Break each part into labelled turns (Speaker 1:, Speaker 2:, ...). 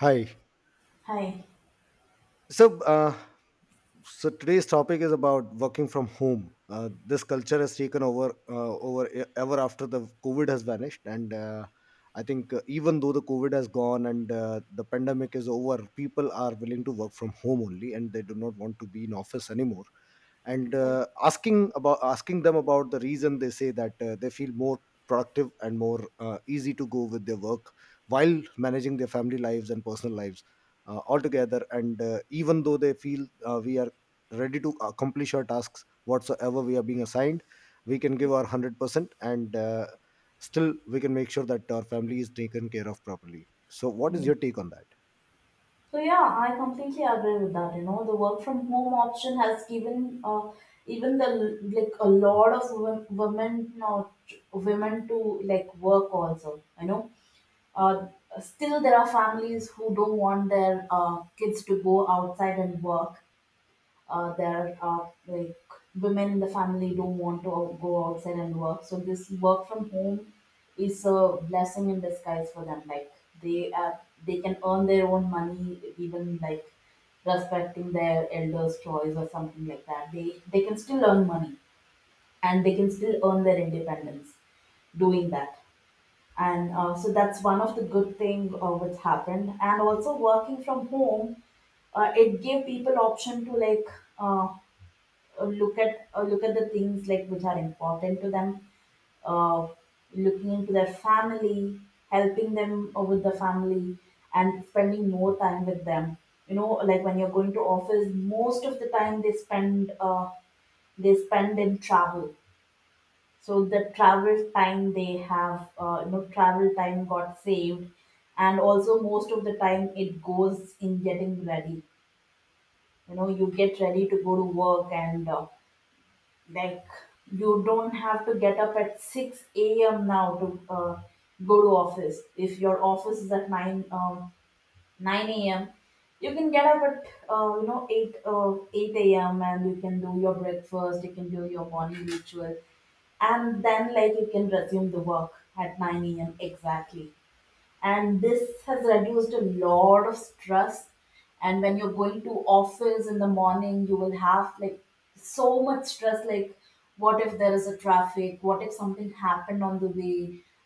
Speaker 1: Hi.
Speaker 2: Hi.
Speaker 1: So, uh, so today's topic is about working from home. This culture has taken over, over ever after the COVID has vanished, and I think even though the COVID has gone and the pandemic is over, people are willing to work from home only, and they do not want to be in office anymore and
Speaker 2: Yeah.
Speaker 1: uh, asking them about the reason. They say that they feel more productive and more easy to go with their work while managing their family lives and personal lives altogether, and even though they feel we are ready to accomplish our tasks whatsoever we are being assigned, we can give our 100%, and still we can make sure that our family is taken care of properly. So what is
Speaker 2: Mm.
Speaker 1: your take on that?
Speaker 2: So yeah, I completely agree with that. The work from home option has given even the like a lot of women to like work also. Uh, Still there are families who don't want their kids to go outside and work. There are like women in the family don't want to go outside and work, so this work from home is a blessing in disguise for them. Like they are they can earn their own money, even like respecting their elders choice or something like that. They can still earn money, and they can still earn their independence doing that. And so that's one of the good thing which happened. And also, working from home, it gave people option to like uh, look at the things like which are important to them. uh, Looking into their family, helping them with the family, and spending more time with them. Like when you're going to office, most of the time they spend in travel. So the travel time they have travel time got saved, and also most of the time it goes in getting ready. You get ready to go to work, and like you don't have to get up at six a.m. now to go to office. If your office is at nine a.m., you can get up at eight a.m. and you can do your breakfast. You can do your morning ritual, and then like you can resume the work at nine a.m. exactly. And this has reduced a lot of stress. And when you're going to office in the morning, you will have like so much stress, like what if there is a traffic, what if something happened on the way,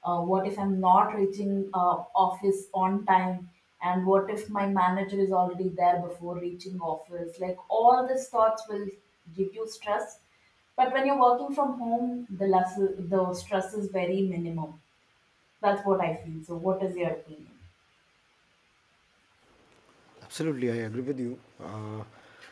Speaker 2: what if I'm not reaching office on time, and what if my manager is already there before reaching office? Like all these thoughts will give you stress. But when you're working from home, the stress is very minimum. That's what I feel. So, what is your opinion?
Speaker 1: Absolutely, I agree with you.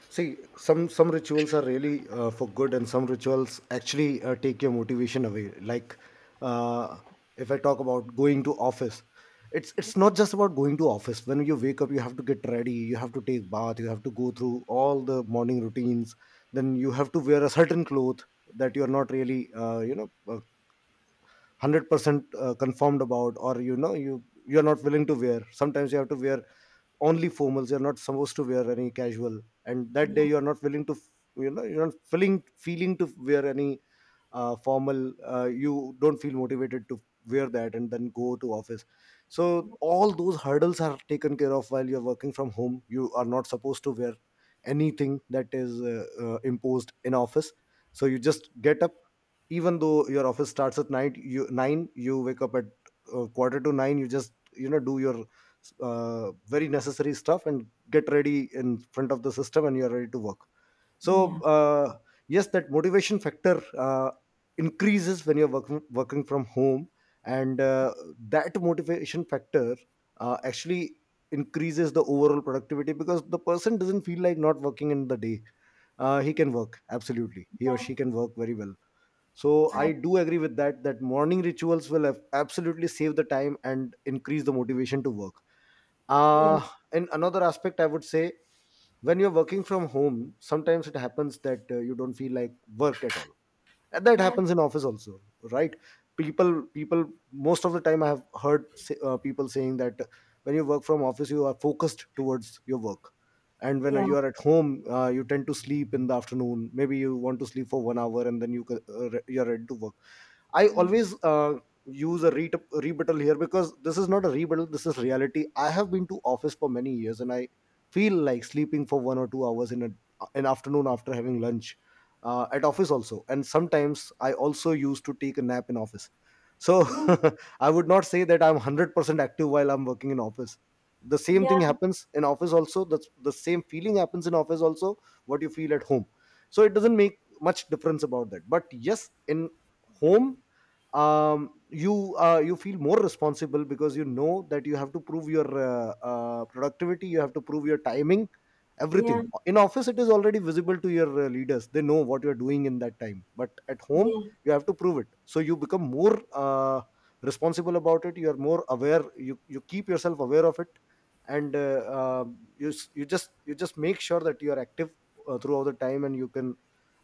Speaker 1: See, some rituals are really for good, and some rituals actually take your motivation away. Like, uh, if I talk about going to office, it's not just about going to office. When you wake up, you have to get ready, you have to take bath, you have to go through all the morning routines. Then you have to wear a certain cloth that you are not really, you know, 100% confirmed about, or you know you're not willing to wear. Sometimes you have to wear only formals. You're not supposed to wear any casual, and that day
Speaker 2: Yeah,
Speaker 1: you're not willing to you know you're not feeling to wear any formal. You don't feel motivated to wear that and then go to office. So all those hurdles are taken care of while you're working from home. You are not supposed to wear anything that is imposed in office. So you just get up, even though your office starts at night, you 9 you wake up at quarter to 9. You just, you know, do your very necessary stuff and get ready in front of the system and you are ready to work. so
Speaker 2: yeah,
Speaker 1: uh, yes, that motivation factor increases when you're working from home, and that motivation factor actually increases the overall productivity because the person doesn't feel like not working in the day. He can work, absolutely. He or
Speaker 2: yeah,
Speaker 1: she can work very well. So
Speaker 2: I,
Speaker 1: I do agree with that, that morning rituals will have absolutely save the time and increase the motivation to work.
Speaker 2: yeah,
Speaker 1: uh, in another aspect, I would say when you're working from home, sometimes it happens that you don't feel like work at all, and that
Speaker 2: yeah,
Speaker 1: happens in office also, right? People most of the time I have heard say, people saying that when you work from office you are focused towards your work, and when
Speaker 2: yeah,
Speaker 1: you are at home you tend to sleep in the afternoon. Maybe you want to sleep for 1 hour and then you you're ready to work. I
Speaker 2: yeah,
Speaker 1: always use a rebuttal here, because this is not a rebuttal, this is reality. I have been to office for many years and I feel like sleeping for 1 or 2 hours in an afternoon after having lunch at office also. And sometimes I also used to take a nap in office. So
Speaker 2: yeah,
Speaker 1: I would not say that I'm 100% active while I'm working in office. The same
Speaker 2: yeah,
Speaker 1: thing happens in office also. The same feeling happens in office also, what you feel at home. So it doesn't make much difference about that. But yes, in home, you you feel more responsible because you know that you have to prove your productivity. You have to prove your timing. Everything in office, it is already visible to your leaders. They know what you are doing in that time, but at home
Speaker 2: yeah,
Speaker 1: you have to prove it. So you become more responsible about it. You are more aware, you keep yourself aware of it, and uh, you just make sure that you are active throughout the time, and you can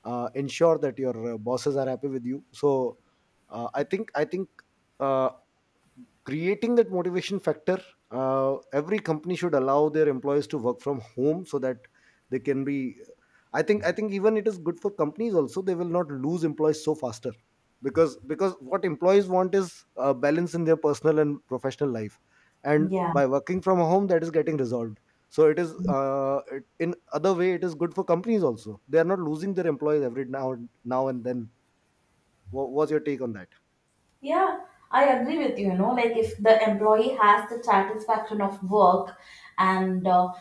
Speaker 1: ensure that your bosses are happy with you. So I think uh, creating that motivation factor, every company should allow their employees to work from home, so that they can be, I think even it is good for companies also. They will not lose employees so faster, because what employees want is a balance in their personal and professional life, and
Speaker 2: yeah.
Speaker 1: by working from home that is getting resolved. So it is
Speaker 2: Mm.
Speaker 1: in other way, it is good for companies also. They are not losing their employees every now and then. What's your take on that?
Speaker 2: Yeah, I agree with you. Like if the employee has the satisfaction of work, and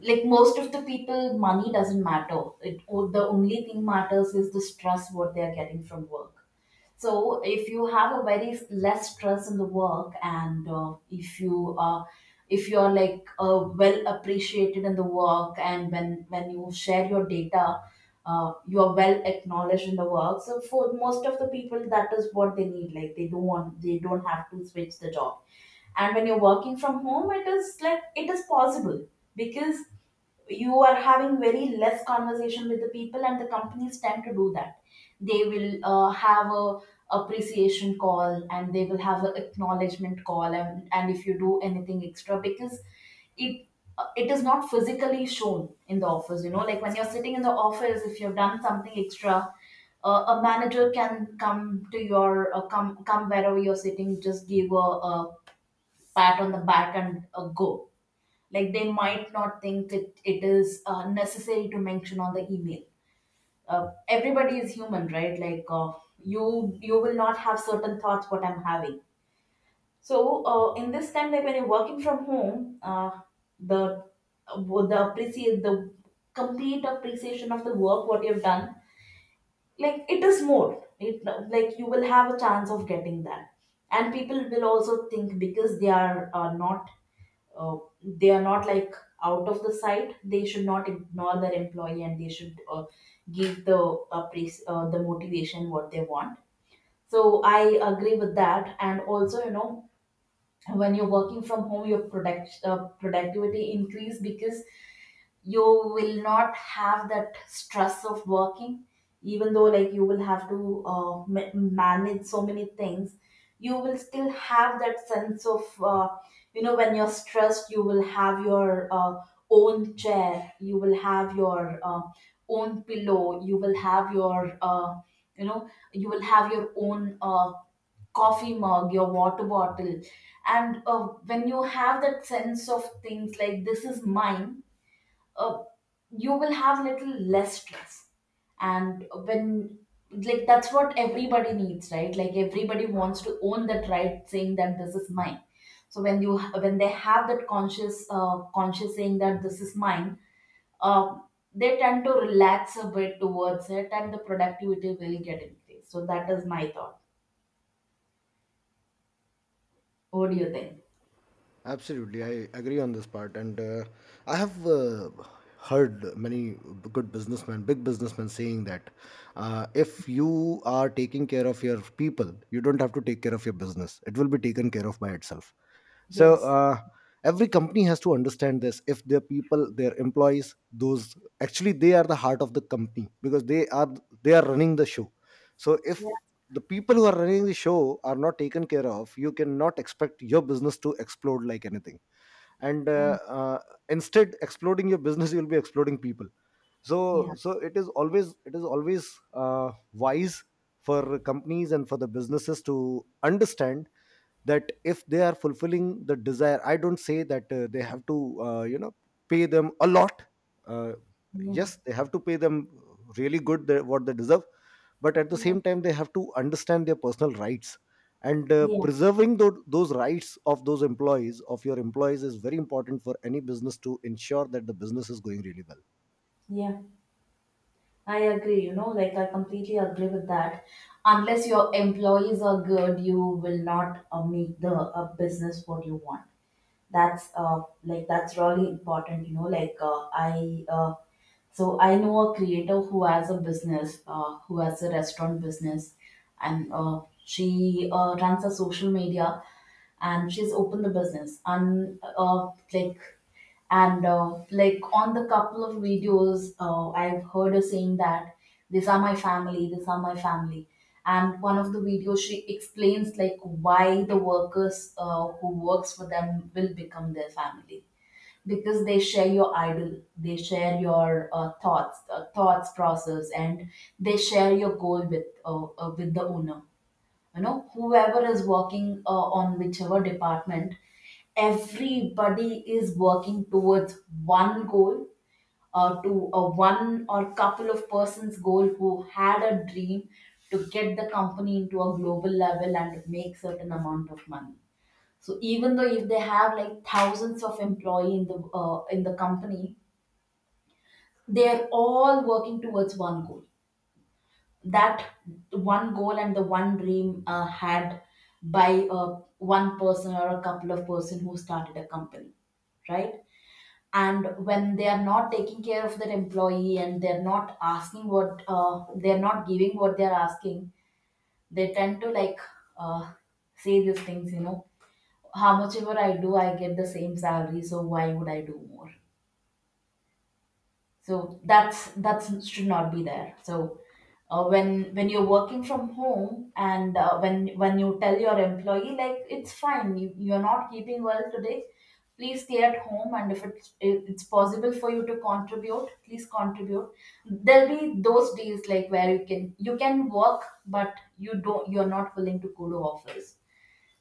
Speaker 2: like most of the people money doesn't matter, the only thing matters is the stress what they are getting from work. So if you have a very less stress in the work, and if you're like well appreciated in the work, and when you share your data, you're well acknowledged in the work. So for most of the people, that is what they need. Like they don't have to switch the job. And when you're working from home, it is like it is possible, because you are having very less conversation with the people, and the companies tend to do that. They will have a appreciation call, and they will have an acknowledgement call, and if you do anything extra, because it it is not physically shown in the office. Like when you're sitting in the office, if you've done something extra, a manager can come to your come come wherever you're sitting, just give a pat on the back and go. Like they might not think it is necessary to mention on the email. Everybody is human, right? Like you will not have certain thoughts what I'm having. So in this time, like when you're working from home, the uh, the complete appreciation of the work what you've done, like it is more. It like you will have a chance of getting that. And people will also think, because uh, they are not like out of the sight, they should not ignore their employee. And they should give the motivation what they want. So I agree with that, and also, when you're working from home, your productivity increase, because you will not have that stress of working, even though like you will have to manage so many things. You will still have that sense of when you're stressed, you will have your own chair, you will have your own pillow, you will have your own coffee mug, your water bottle. And when you have that sense of things like this is mine, uh, you will have little less stress. And when, like, that's what everybody needs, right? Like everybody wants to own that, right, saying that this is mine. So when they have that conscious saying that this is mine, um, they tend to relax a bit towards it, and the productivity will get increased. So that is my thought. What do you think?
Speaker 1: Absolutely, I agree on this part, and I have heard many good businessmen, big businessmen, saying that if you are taking care of your people, you don't have to take care of your business; it will be taken care of by itself. so
Speaker 2: Yes.
Speaker 1: uh, every company has to understand this. If their people, their employees, those actually, they are the heart of the company, because they are running the show. So if
Speaker 2: Yeah.
Speaker 1: the people who are running the show are not taken care of, you cannot expect your business to explode like anything, and uh,
Speaker 2: And
Speaker 1: uh, instead exploding your business, you'll be exploding people. So
Speaker 2: yeah,
Speaker 1: so it is always wise for companies and for the businesses to understand that if they are fulfilling the desire, I don't say that they have to you know, pay them a lot. uh,
Speaker 2: yeah,
Speaker 1: yes, they have to pay them really good, what they deserve. But at the
Speaker 2: yeah,
Speaker 1: same time, they have to understand their personal rights, and
Speaker 2: yeah,
Speaker 1: preserving those rights of those employees, of your employees, is very important for any business to ensure that the business is going really well.
Speaker 2: yeah. I agree, like I completely agree with that. Unless your employees are good, you will not make the business what you want. That's really important. Like so I know a creator who has a business, who has a restaurant business, and she runs a social media, and she's opened the business, and like on the couple of videos, I've heard her saying that these are my family, these are my family. And one of the videos she explains like why the workers who works for them will become their family, because they share your idol, they share your thoughts process, and they share your goal with the owner. Whoever is working on whichever department, everybody is working towards one goal, to a one or couple of persons goal who had a dream, to get the company into a global level and to make certain amount of money. So even though if they have like thousands of employee in the company, they are all working towards one goal. That one goal and the one dream had by one person or a couple of person who started a company, right? And when they are not taking care of their employee, and they're not asking what they're not giving what they're asking, they tend to like uh, say these things. How much ever I do, I get the same salary, so why would I do more? So that should not be there. So when you're working from home, and when you tell your employee, like, it's fine, you're not keeping well today, please stay at home. And if it's possible for you to contribute, please contribute. There'll be those days like where you can work, but you're not willing to go to office.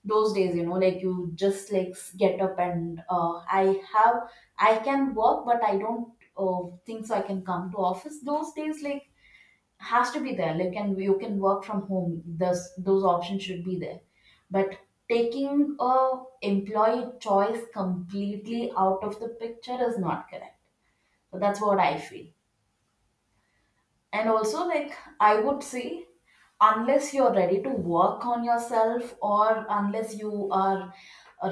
Speaker 2: Those days, like you just like get up, and i have I can work, but I don't think so I can come to office those days. Like has to be there, like, and you can work from home. Thus, those options should be there. But taking a employee choice completely out of the picture is not correct. So that's what I feel. And also, like, I would say, unless you're ready to work on yourself, or unless you are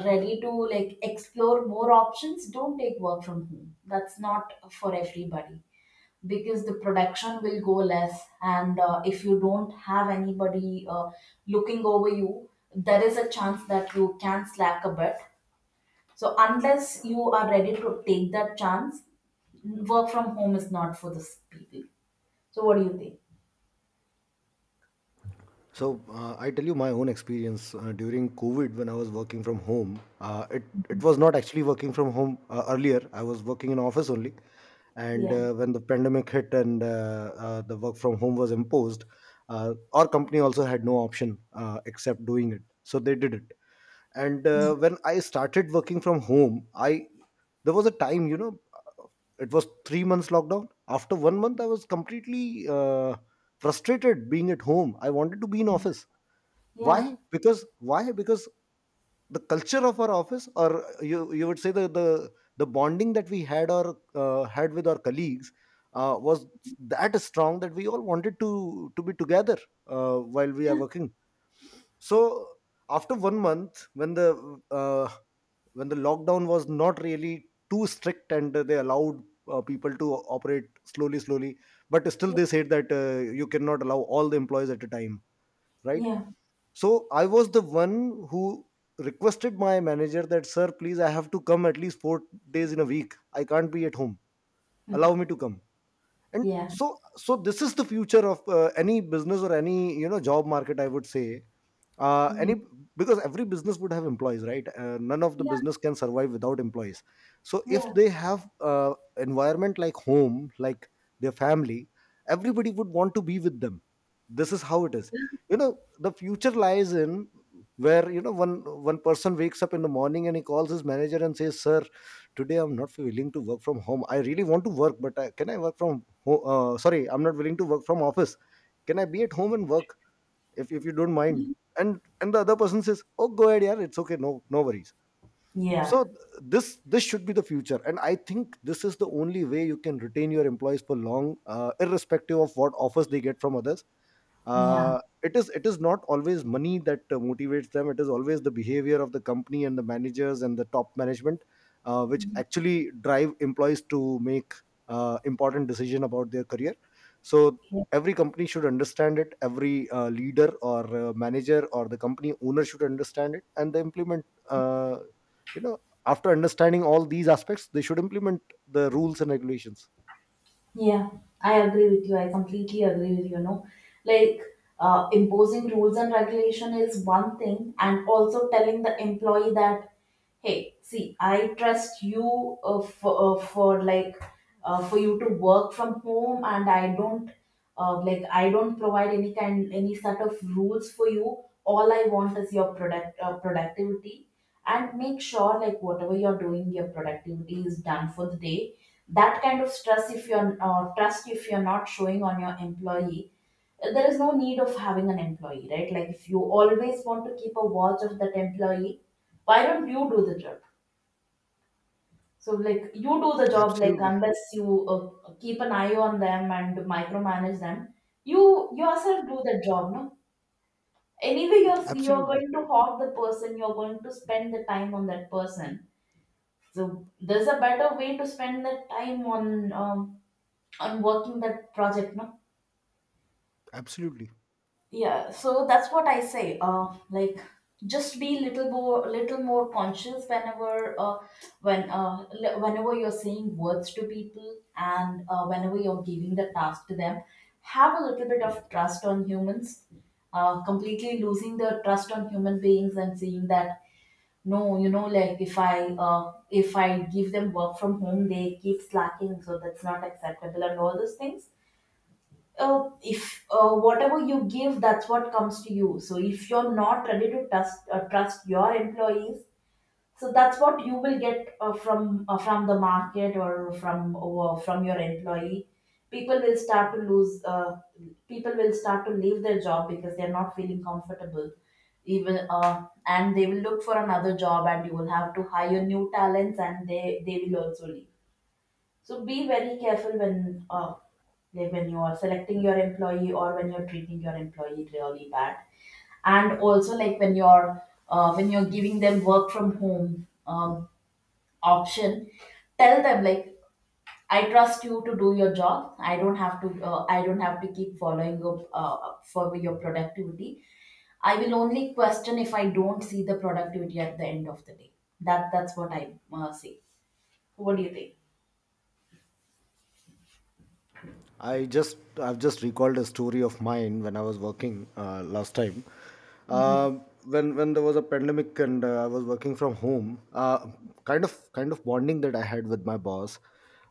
Speaker 2: ready to like explore more options, don't take work from home. That's not for everybody, because the production will go less. And if you don't have anybody looking over you, there is a chance that you can slack a bit. So unless you are ready to take that chance, work from home is not for this people. So what do you think?
Speaker 1: So I tell you my own experience during COVID when I was working from home. It was not actually working from home earlier. I was working in office only, and
Speaker 2: Yeah.
Speaker 1: uh, when the pandemic hit and the work from home was imposed, our company also had no option except doing it. So they did it, and when I started working from home, I, there was a time, you know, it was 3 months lockdown. After 1 month I was completely uh, frustrated being at home. I wanted to be in office. why
Speaker 2: Yeah.
Speaker 1: because why because the culture of our office, or you would say, the bonding that we had, or had with our colleagues, was that strong that we all wanted to be together while we are
Speaker 2: Yeah.
Speaker 1: working. So after 1 month, uh, when the lockdown was not really too strict and they allowed people to operate slowly slowly, but still
Speaker 2: Yeah.
Speaker 1: they said that you cannot allow all the employees at a time, right?
Speaker 2: Yeah.
Speaker 1: So I was the one who requested my manager that, sir, please, I have to come at least 4 days in a week, I can't be at home.
Speaker 2: Mm.
Speaker 1: Allow me to come. And
Speaker 2: Yeah.
Speaker 1: so, so this is the future of any business, or any, you know, job market, I would say,
Speaker 2: Yeah.
Speaker 1: any, because every business would have employees, right? None of the
Speaker 2: Yeah.
Speaker 1: business can survive without employees. So if
Speaker 2: Yeah.
Speaker 1: they have environment like home, like their family, everybody would want to be with them. This is how it is. You know, the future lies in, where you know, one person wakes up in the morning and he calls his manager and says, sir, today I'm not willing to work from home, I really want to work, but can I work from home, sorry, I'm not willing to work from office. Can I be at home and work, if you don't mind?
Speaker 2: Yeah.
Speaker 1: And the other person says, oh, go ahead, yeah, it's okay, no no worries.
Speaker 2: Yeah.
Speaker 1: So this should be the future, and I think this is the only way you can retain your employees for long, irrespective of what offers they get from others.
Speaker 2: Yeah.
Speaker 1: It is not always money that motivates them. It is always the behavior of the company and the managers and the top management, which actually drive employees to make important decision about their career. So
Speaker 2: Yeah.
Speaker 1: every company should understand it. Every leader or manager or the company owner should understand it, and they implement, you know, after understanding all these aspects, they should implement the rules and regulations.
Speaker 2: Yeah, I agree with you. I completely agree with you. No, like imposing rules and regulation is one thing, and also telling the employee that, hey, see, I trust you for, for you to work from home, and I don't provide any sort of rules for you. All I want is your productivity, and make sure like whatever you're doing your productivity is done for the day. That kind of stress, if you're trust, if you're not showing on your employee, there is no need of having an employee, right? Like if you always want to keep a watch of that employee, why don't you do the job? So like you do the job, like
Speaker 1: Absolutely.
Speaker 2: unless you keep an eye on them and micromanage them, you yourself do the job, no? Anyway you're
Speaker 1: Absolutely.
Speaker 2: going to hog the person, you're going to spend the time on that person. So there's a better way to spend the time on working that project, no?
Speaker 1: Absolutely.
Speaker 2: Yeah. So that's what I say. Like just be little more conscious whenever when whenever you're saying words to people, and whenever you're giving the task to them, have a little bit of trust on humans. Completely losing the trust on human beings and seeing that no, you know, like if I give them work from home, they keep slacking, so that's not acceptable, and all those things. If whatever you give, that's what comes to you. So if you're not ready to trust your employees, so that's what you will get from the market, or from your employee. People will start to lose people will start to leave their job because they're not feeling comfortable, even and they will look for another job, and you will have to hire new talents, and they will also leave. So be very careful when like when you are selecting your employee, or when you're treating your employee really bad, and also like when you're giving them work from home option, tell them like I trust you to do your job. I don't have to I don't have to keep following up for your productivity. I will only question if I don't see the productivity at the end of the day. That's what I say. What do you think?
Speaker 1: I just, I've just recalled a story of mine when I was working last time.
Speaker 2: Mhm.
Speaker 1: Uh, when there was a pandemic and I was working from home, kind of bonding that I had with my boss.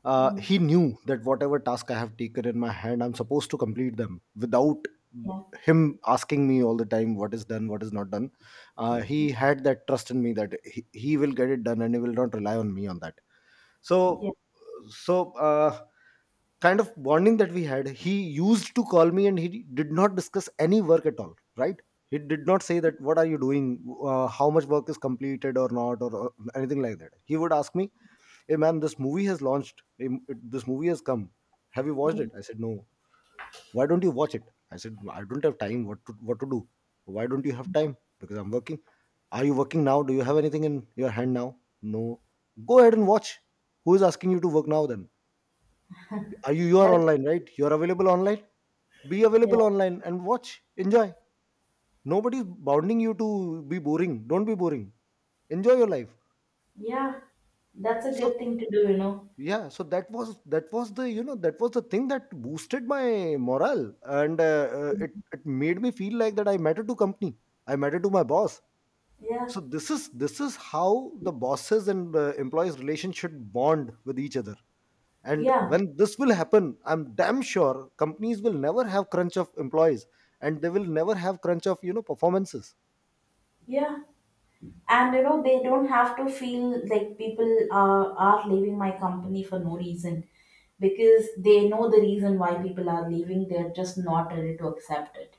Speaker 2: Mhm.
Speaker 1: He knew that whatever task I have taken in my hand, I'm supposed to complete them without
Speaker 2: Yeah.
Speaker 1: him asking me all the time what is done, what is not done.
Speaker 2: Yeah.
Speaker 1: He had that trust in me that he will get it done, and he will not rely on me on that. So so uh, kind of bonding that we had, he used to call me and he did not discuss any work at all, right? He did not say that, what are you doing, how much work is completed or not, or anything like that. He would ask me, hey man, this movie has launched, this movie has come, have you watched
Speaker 2: Mm.
Speaker 1: it? I said, no. Why don't you watch it? I said, I don't have time, what to do. Why don't you have time? Because I'm working. Are you working now? Do you have anything in your hand now? No. Go ahead and watch. Who is asking you to work now then? Are you, you are
Speaker 2: That,
Speaker 1: online, right? You're available online. Be
Speaker 2: yeah.
Speaker 1: available online and watch. Enjoy. Nobody's bounding you to be boring. Don't be boring. Enjoy your life.
Speaker 2: Yeah. That's a good
Speaker 1: so
Speaker 2: thing to do, you know.
Speaker 1: yeah so that was the, you know, that was the thing that boosted my morale, and it, it made me feel like that I matter to company, I matter to my boss.
Speaker 2: Yeah.
Speaker 1: So this is how the bosses and employees relationship bond with each other. And
Speaker 2: Yeah.
Speaker 1: when this will happen, I'm damn sure companies will never have crunch of employees, and they will never have crunch of, you know, performances.
Speaker 2: Yeah. And you know, they don't have to feel like people are leaving my company for no reason, because they know the reason why people are leaving. They're just not ready to accept it.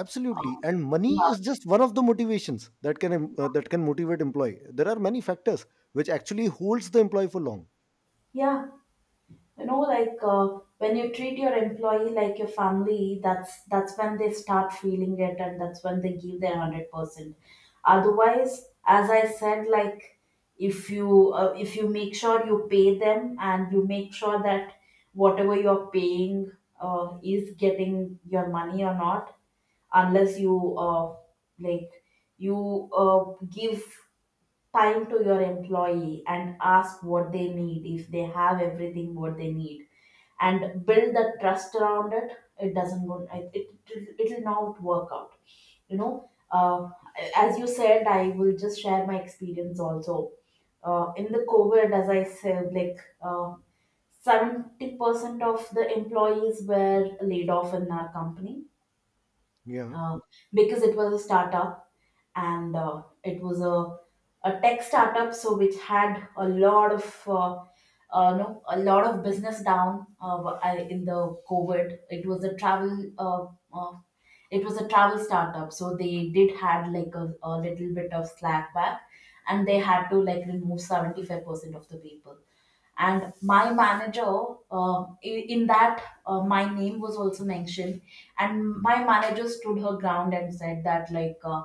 Speaker 1: Absolutely.
Speaker 2: Um,
Speaker 1: And money
Speaker 2: yeah.
Speaker 1: is just one of the motivations that can that can motivate employee. There are many factors which actually holds the employee for long.
Speaker 2: Yeah. You know, like when you treat your employee like your family, that's when they start feeling it, and that's when they give their 100%. Otherwise, as I said, like if you make sure you pay them, and you make sure that whatever you're paying is getting your money or not, unless you like you uh, give time to your employee and ask what they need, if they have everything what they need, and build the trust around it, it doesn't go, it will not work out. You know, as you said, I will just share my experience also. In the COVID, as I said, like 70% of the employees were laid off in our company,
Speaker 1: Yeah.
Speaker 2: uh, because it was a startup. And it was a tech startup, so which had a lot of no, a lot of business down in the COVID. It was a travel uh, it was a travel startup, so they did had like a little bit of slack back, and they had to like remove 75% of the people. And my manager, uh, in that my name was also mentioned, and my manager stood her ground and said that like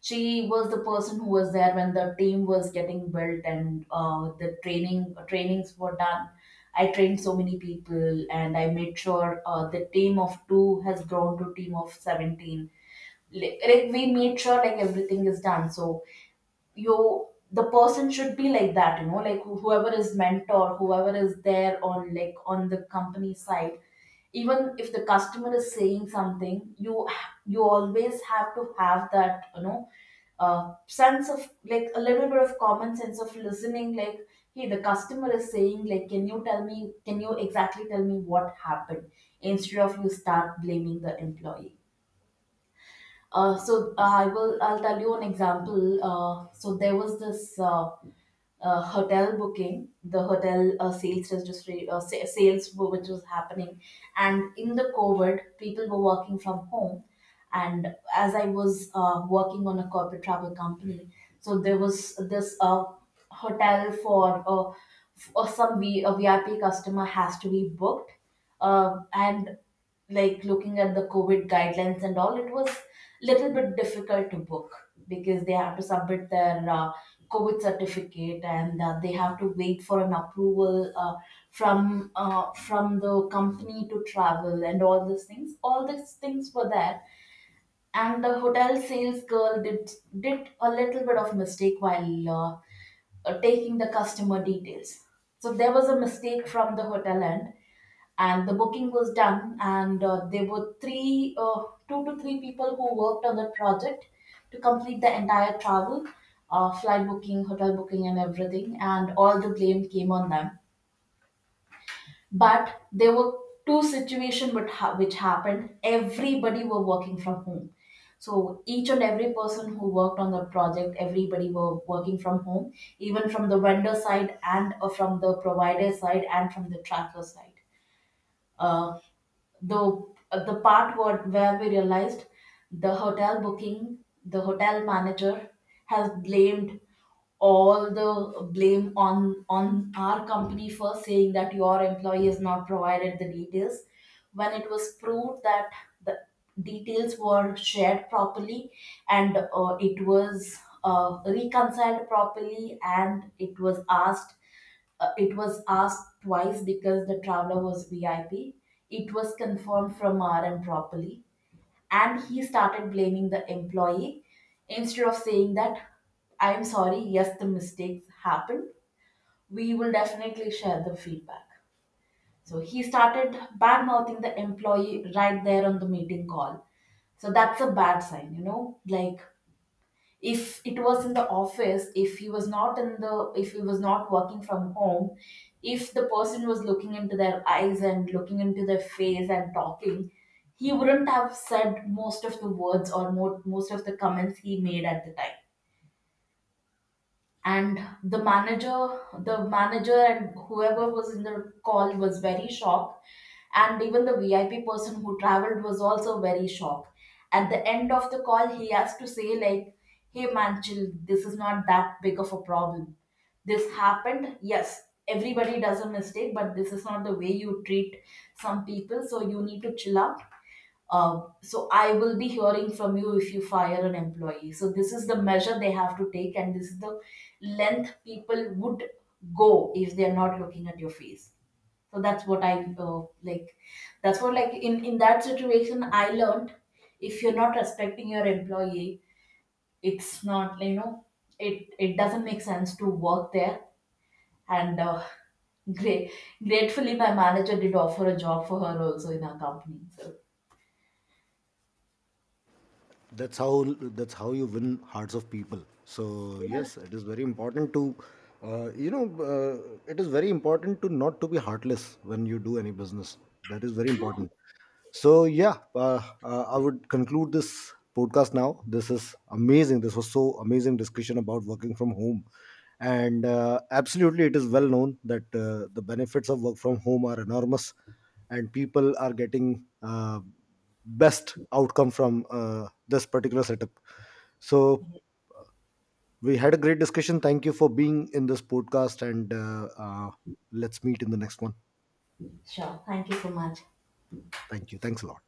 Speaker 2: she was the person who was there when the team was getting built, and the trainings were done. I trained so many people, and I made sure the team of 2 has grown to team of 17. We made sure like everything is done. So you, the person should be like that, you know, like whoever is mentor, whoever is there on like on the company side, even if the customer is saying something, you always have to have that, you know, sense of like a little bit of common sense of listening, like hey, the customer is saying like can you tell me, can you exactly tell me what happened, instead of you start blaming the employee. So I will. I'll tell you an example. So there was this hotel booking, the hotel sales registry, sales which was happening, and in the COVID, people were working from home, and as I was working on a corporate travel company, so there was this hotel for some a VIP customer has to be booked. And like looking at the COVID guidelines and all, it was little bit difficult to book because they have to submit their COVID certificate, and they have to wait for an approval from the company to travel, and all these things, were there. And the hotel sales girl did a little bit of mistake while taking the customer details. So there was a mistake from the hotel end, and the booking was done. And there were three, two to three people who worked on the project to complete the entire travel, flight booking, hotel booking, and everything. And all the blame came on them. But there were two situations which, which happened. Everybody were working from home, so each and every person who worked on the project, everybody were working from home, even from the vendor side, and from the provider side, and from the tracker side. uh, the the part where we realized, the hotel booking, the hotel manager has blamed, all the blame on our company, for saying that your employee has not provided the details, when it was proved that the details were shared properly, and it was reconciled properly, and it was asked, it was asked twice because the traveler was VIP. It was confirmed from RM properly. And he started blaming the employee instead of saying that, I'm sorry, yes, the mistakes happened, we will definitely share the feedback. So he started bad mouthing the employee right there on the meeting call. So that's a bad sign, you know, like if it was in the office, if he was not in the, if he was not working from home, if the person was looking into their eyes and looking into their face and talking, he wouldn't have said most of the words, or most of the comments he made at the time. And the manager, the manager and whoever was in the call was very shocked, and even the VIP person who traveled was also very shocked. At the end of the call, he has to say like, hey man, chill, this is not that big of a problem. This happened, yes, everybody does a mistake, but this is not the way you treat some people, so you need to chill out. So I will be hearing from you if you fire an employee. So this is the measure they have to take, and this is the length people would go if they're not looking at your face. So that's what I like. That's what like in that situation I learned, if you're not respecting your employee, it's not, you know, it doesn't make sense to work there. And. Great. Gratefully, my manager did offer a job for her also in our company. So,
Speaker 1: That's how that's how you win hearts of people. So
Speaker 2: yeah.
Speaker 1: yes, it is very important to you know, uh, it is very important to not to be heartless when you do any business. That is very important. So yeah, I would conclude this podcast now. This is amazing. This was so amazing discussion about working from home, and absolutely, it is well known that the benefits of work from home are enormous, and people are getting best outcome from this particular setup. So we had a great discussion. Thank you for being in this podcast, and let's meet in the next one.
Speaker 2: Sure. Thank you so much.
Speaker 1: Thank you. Thanks a lot.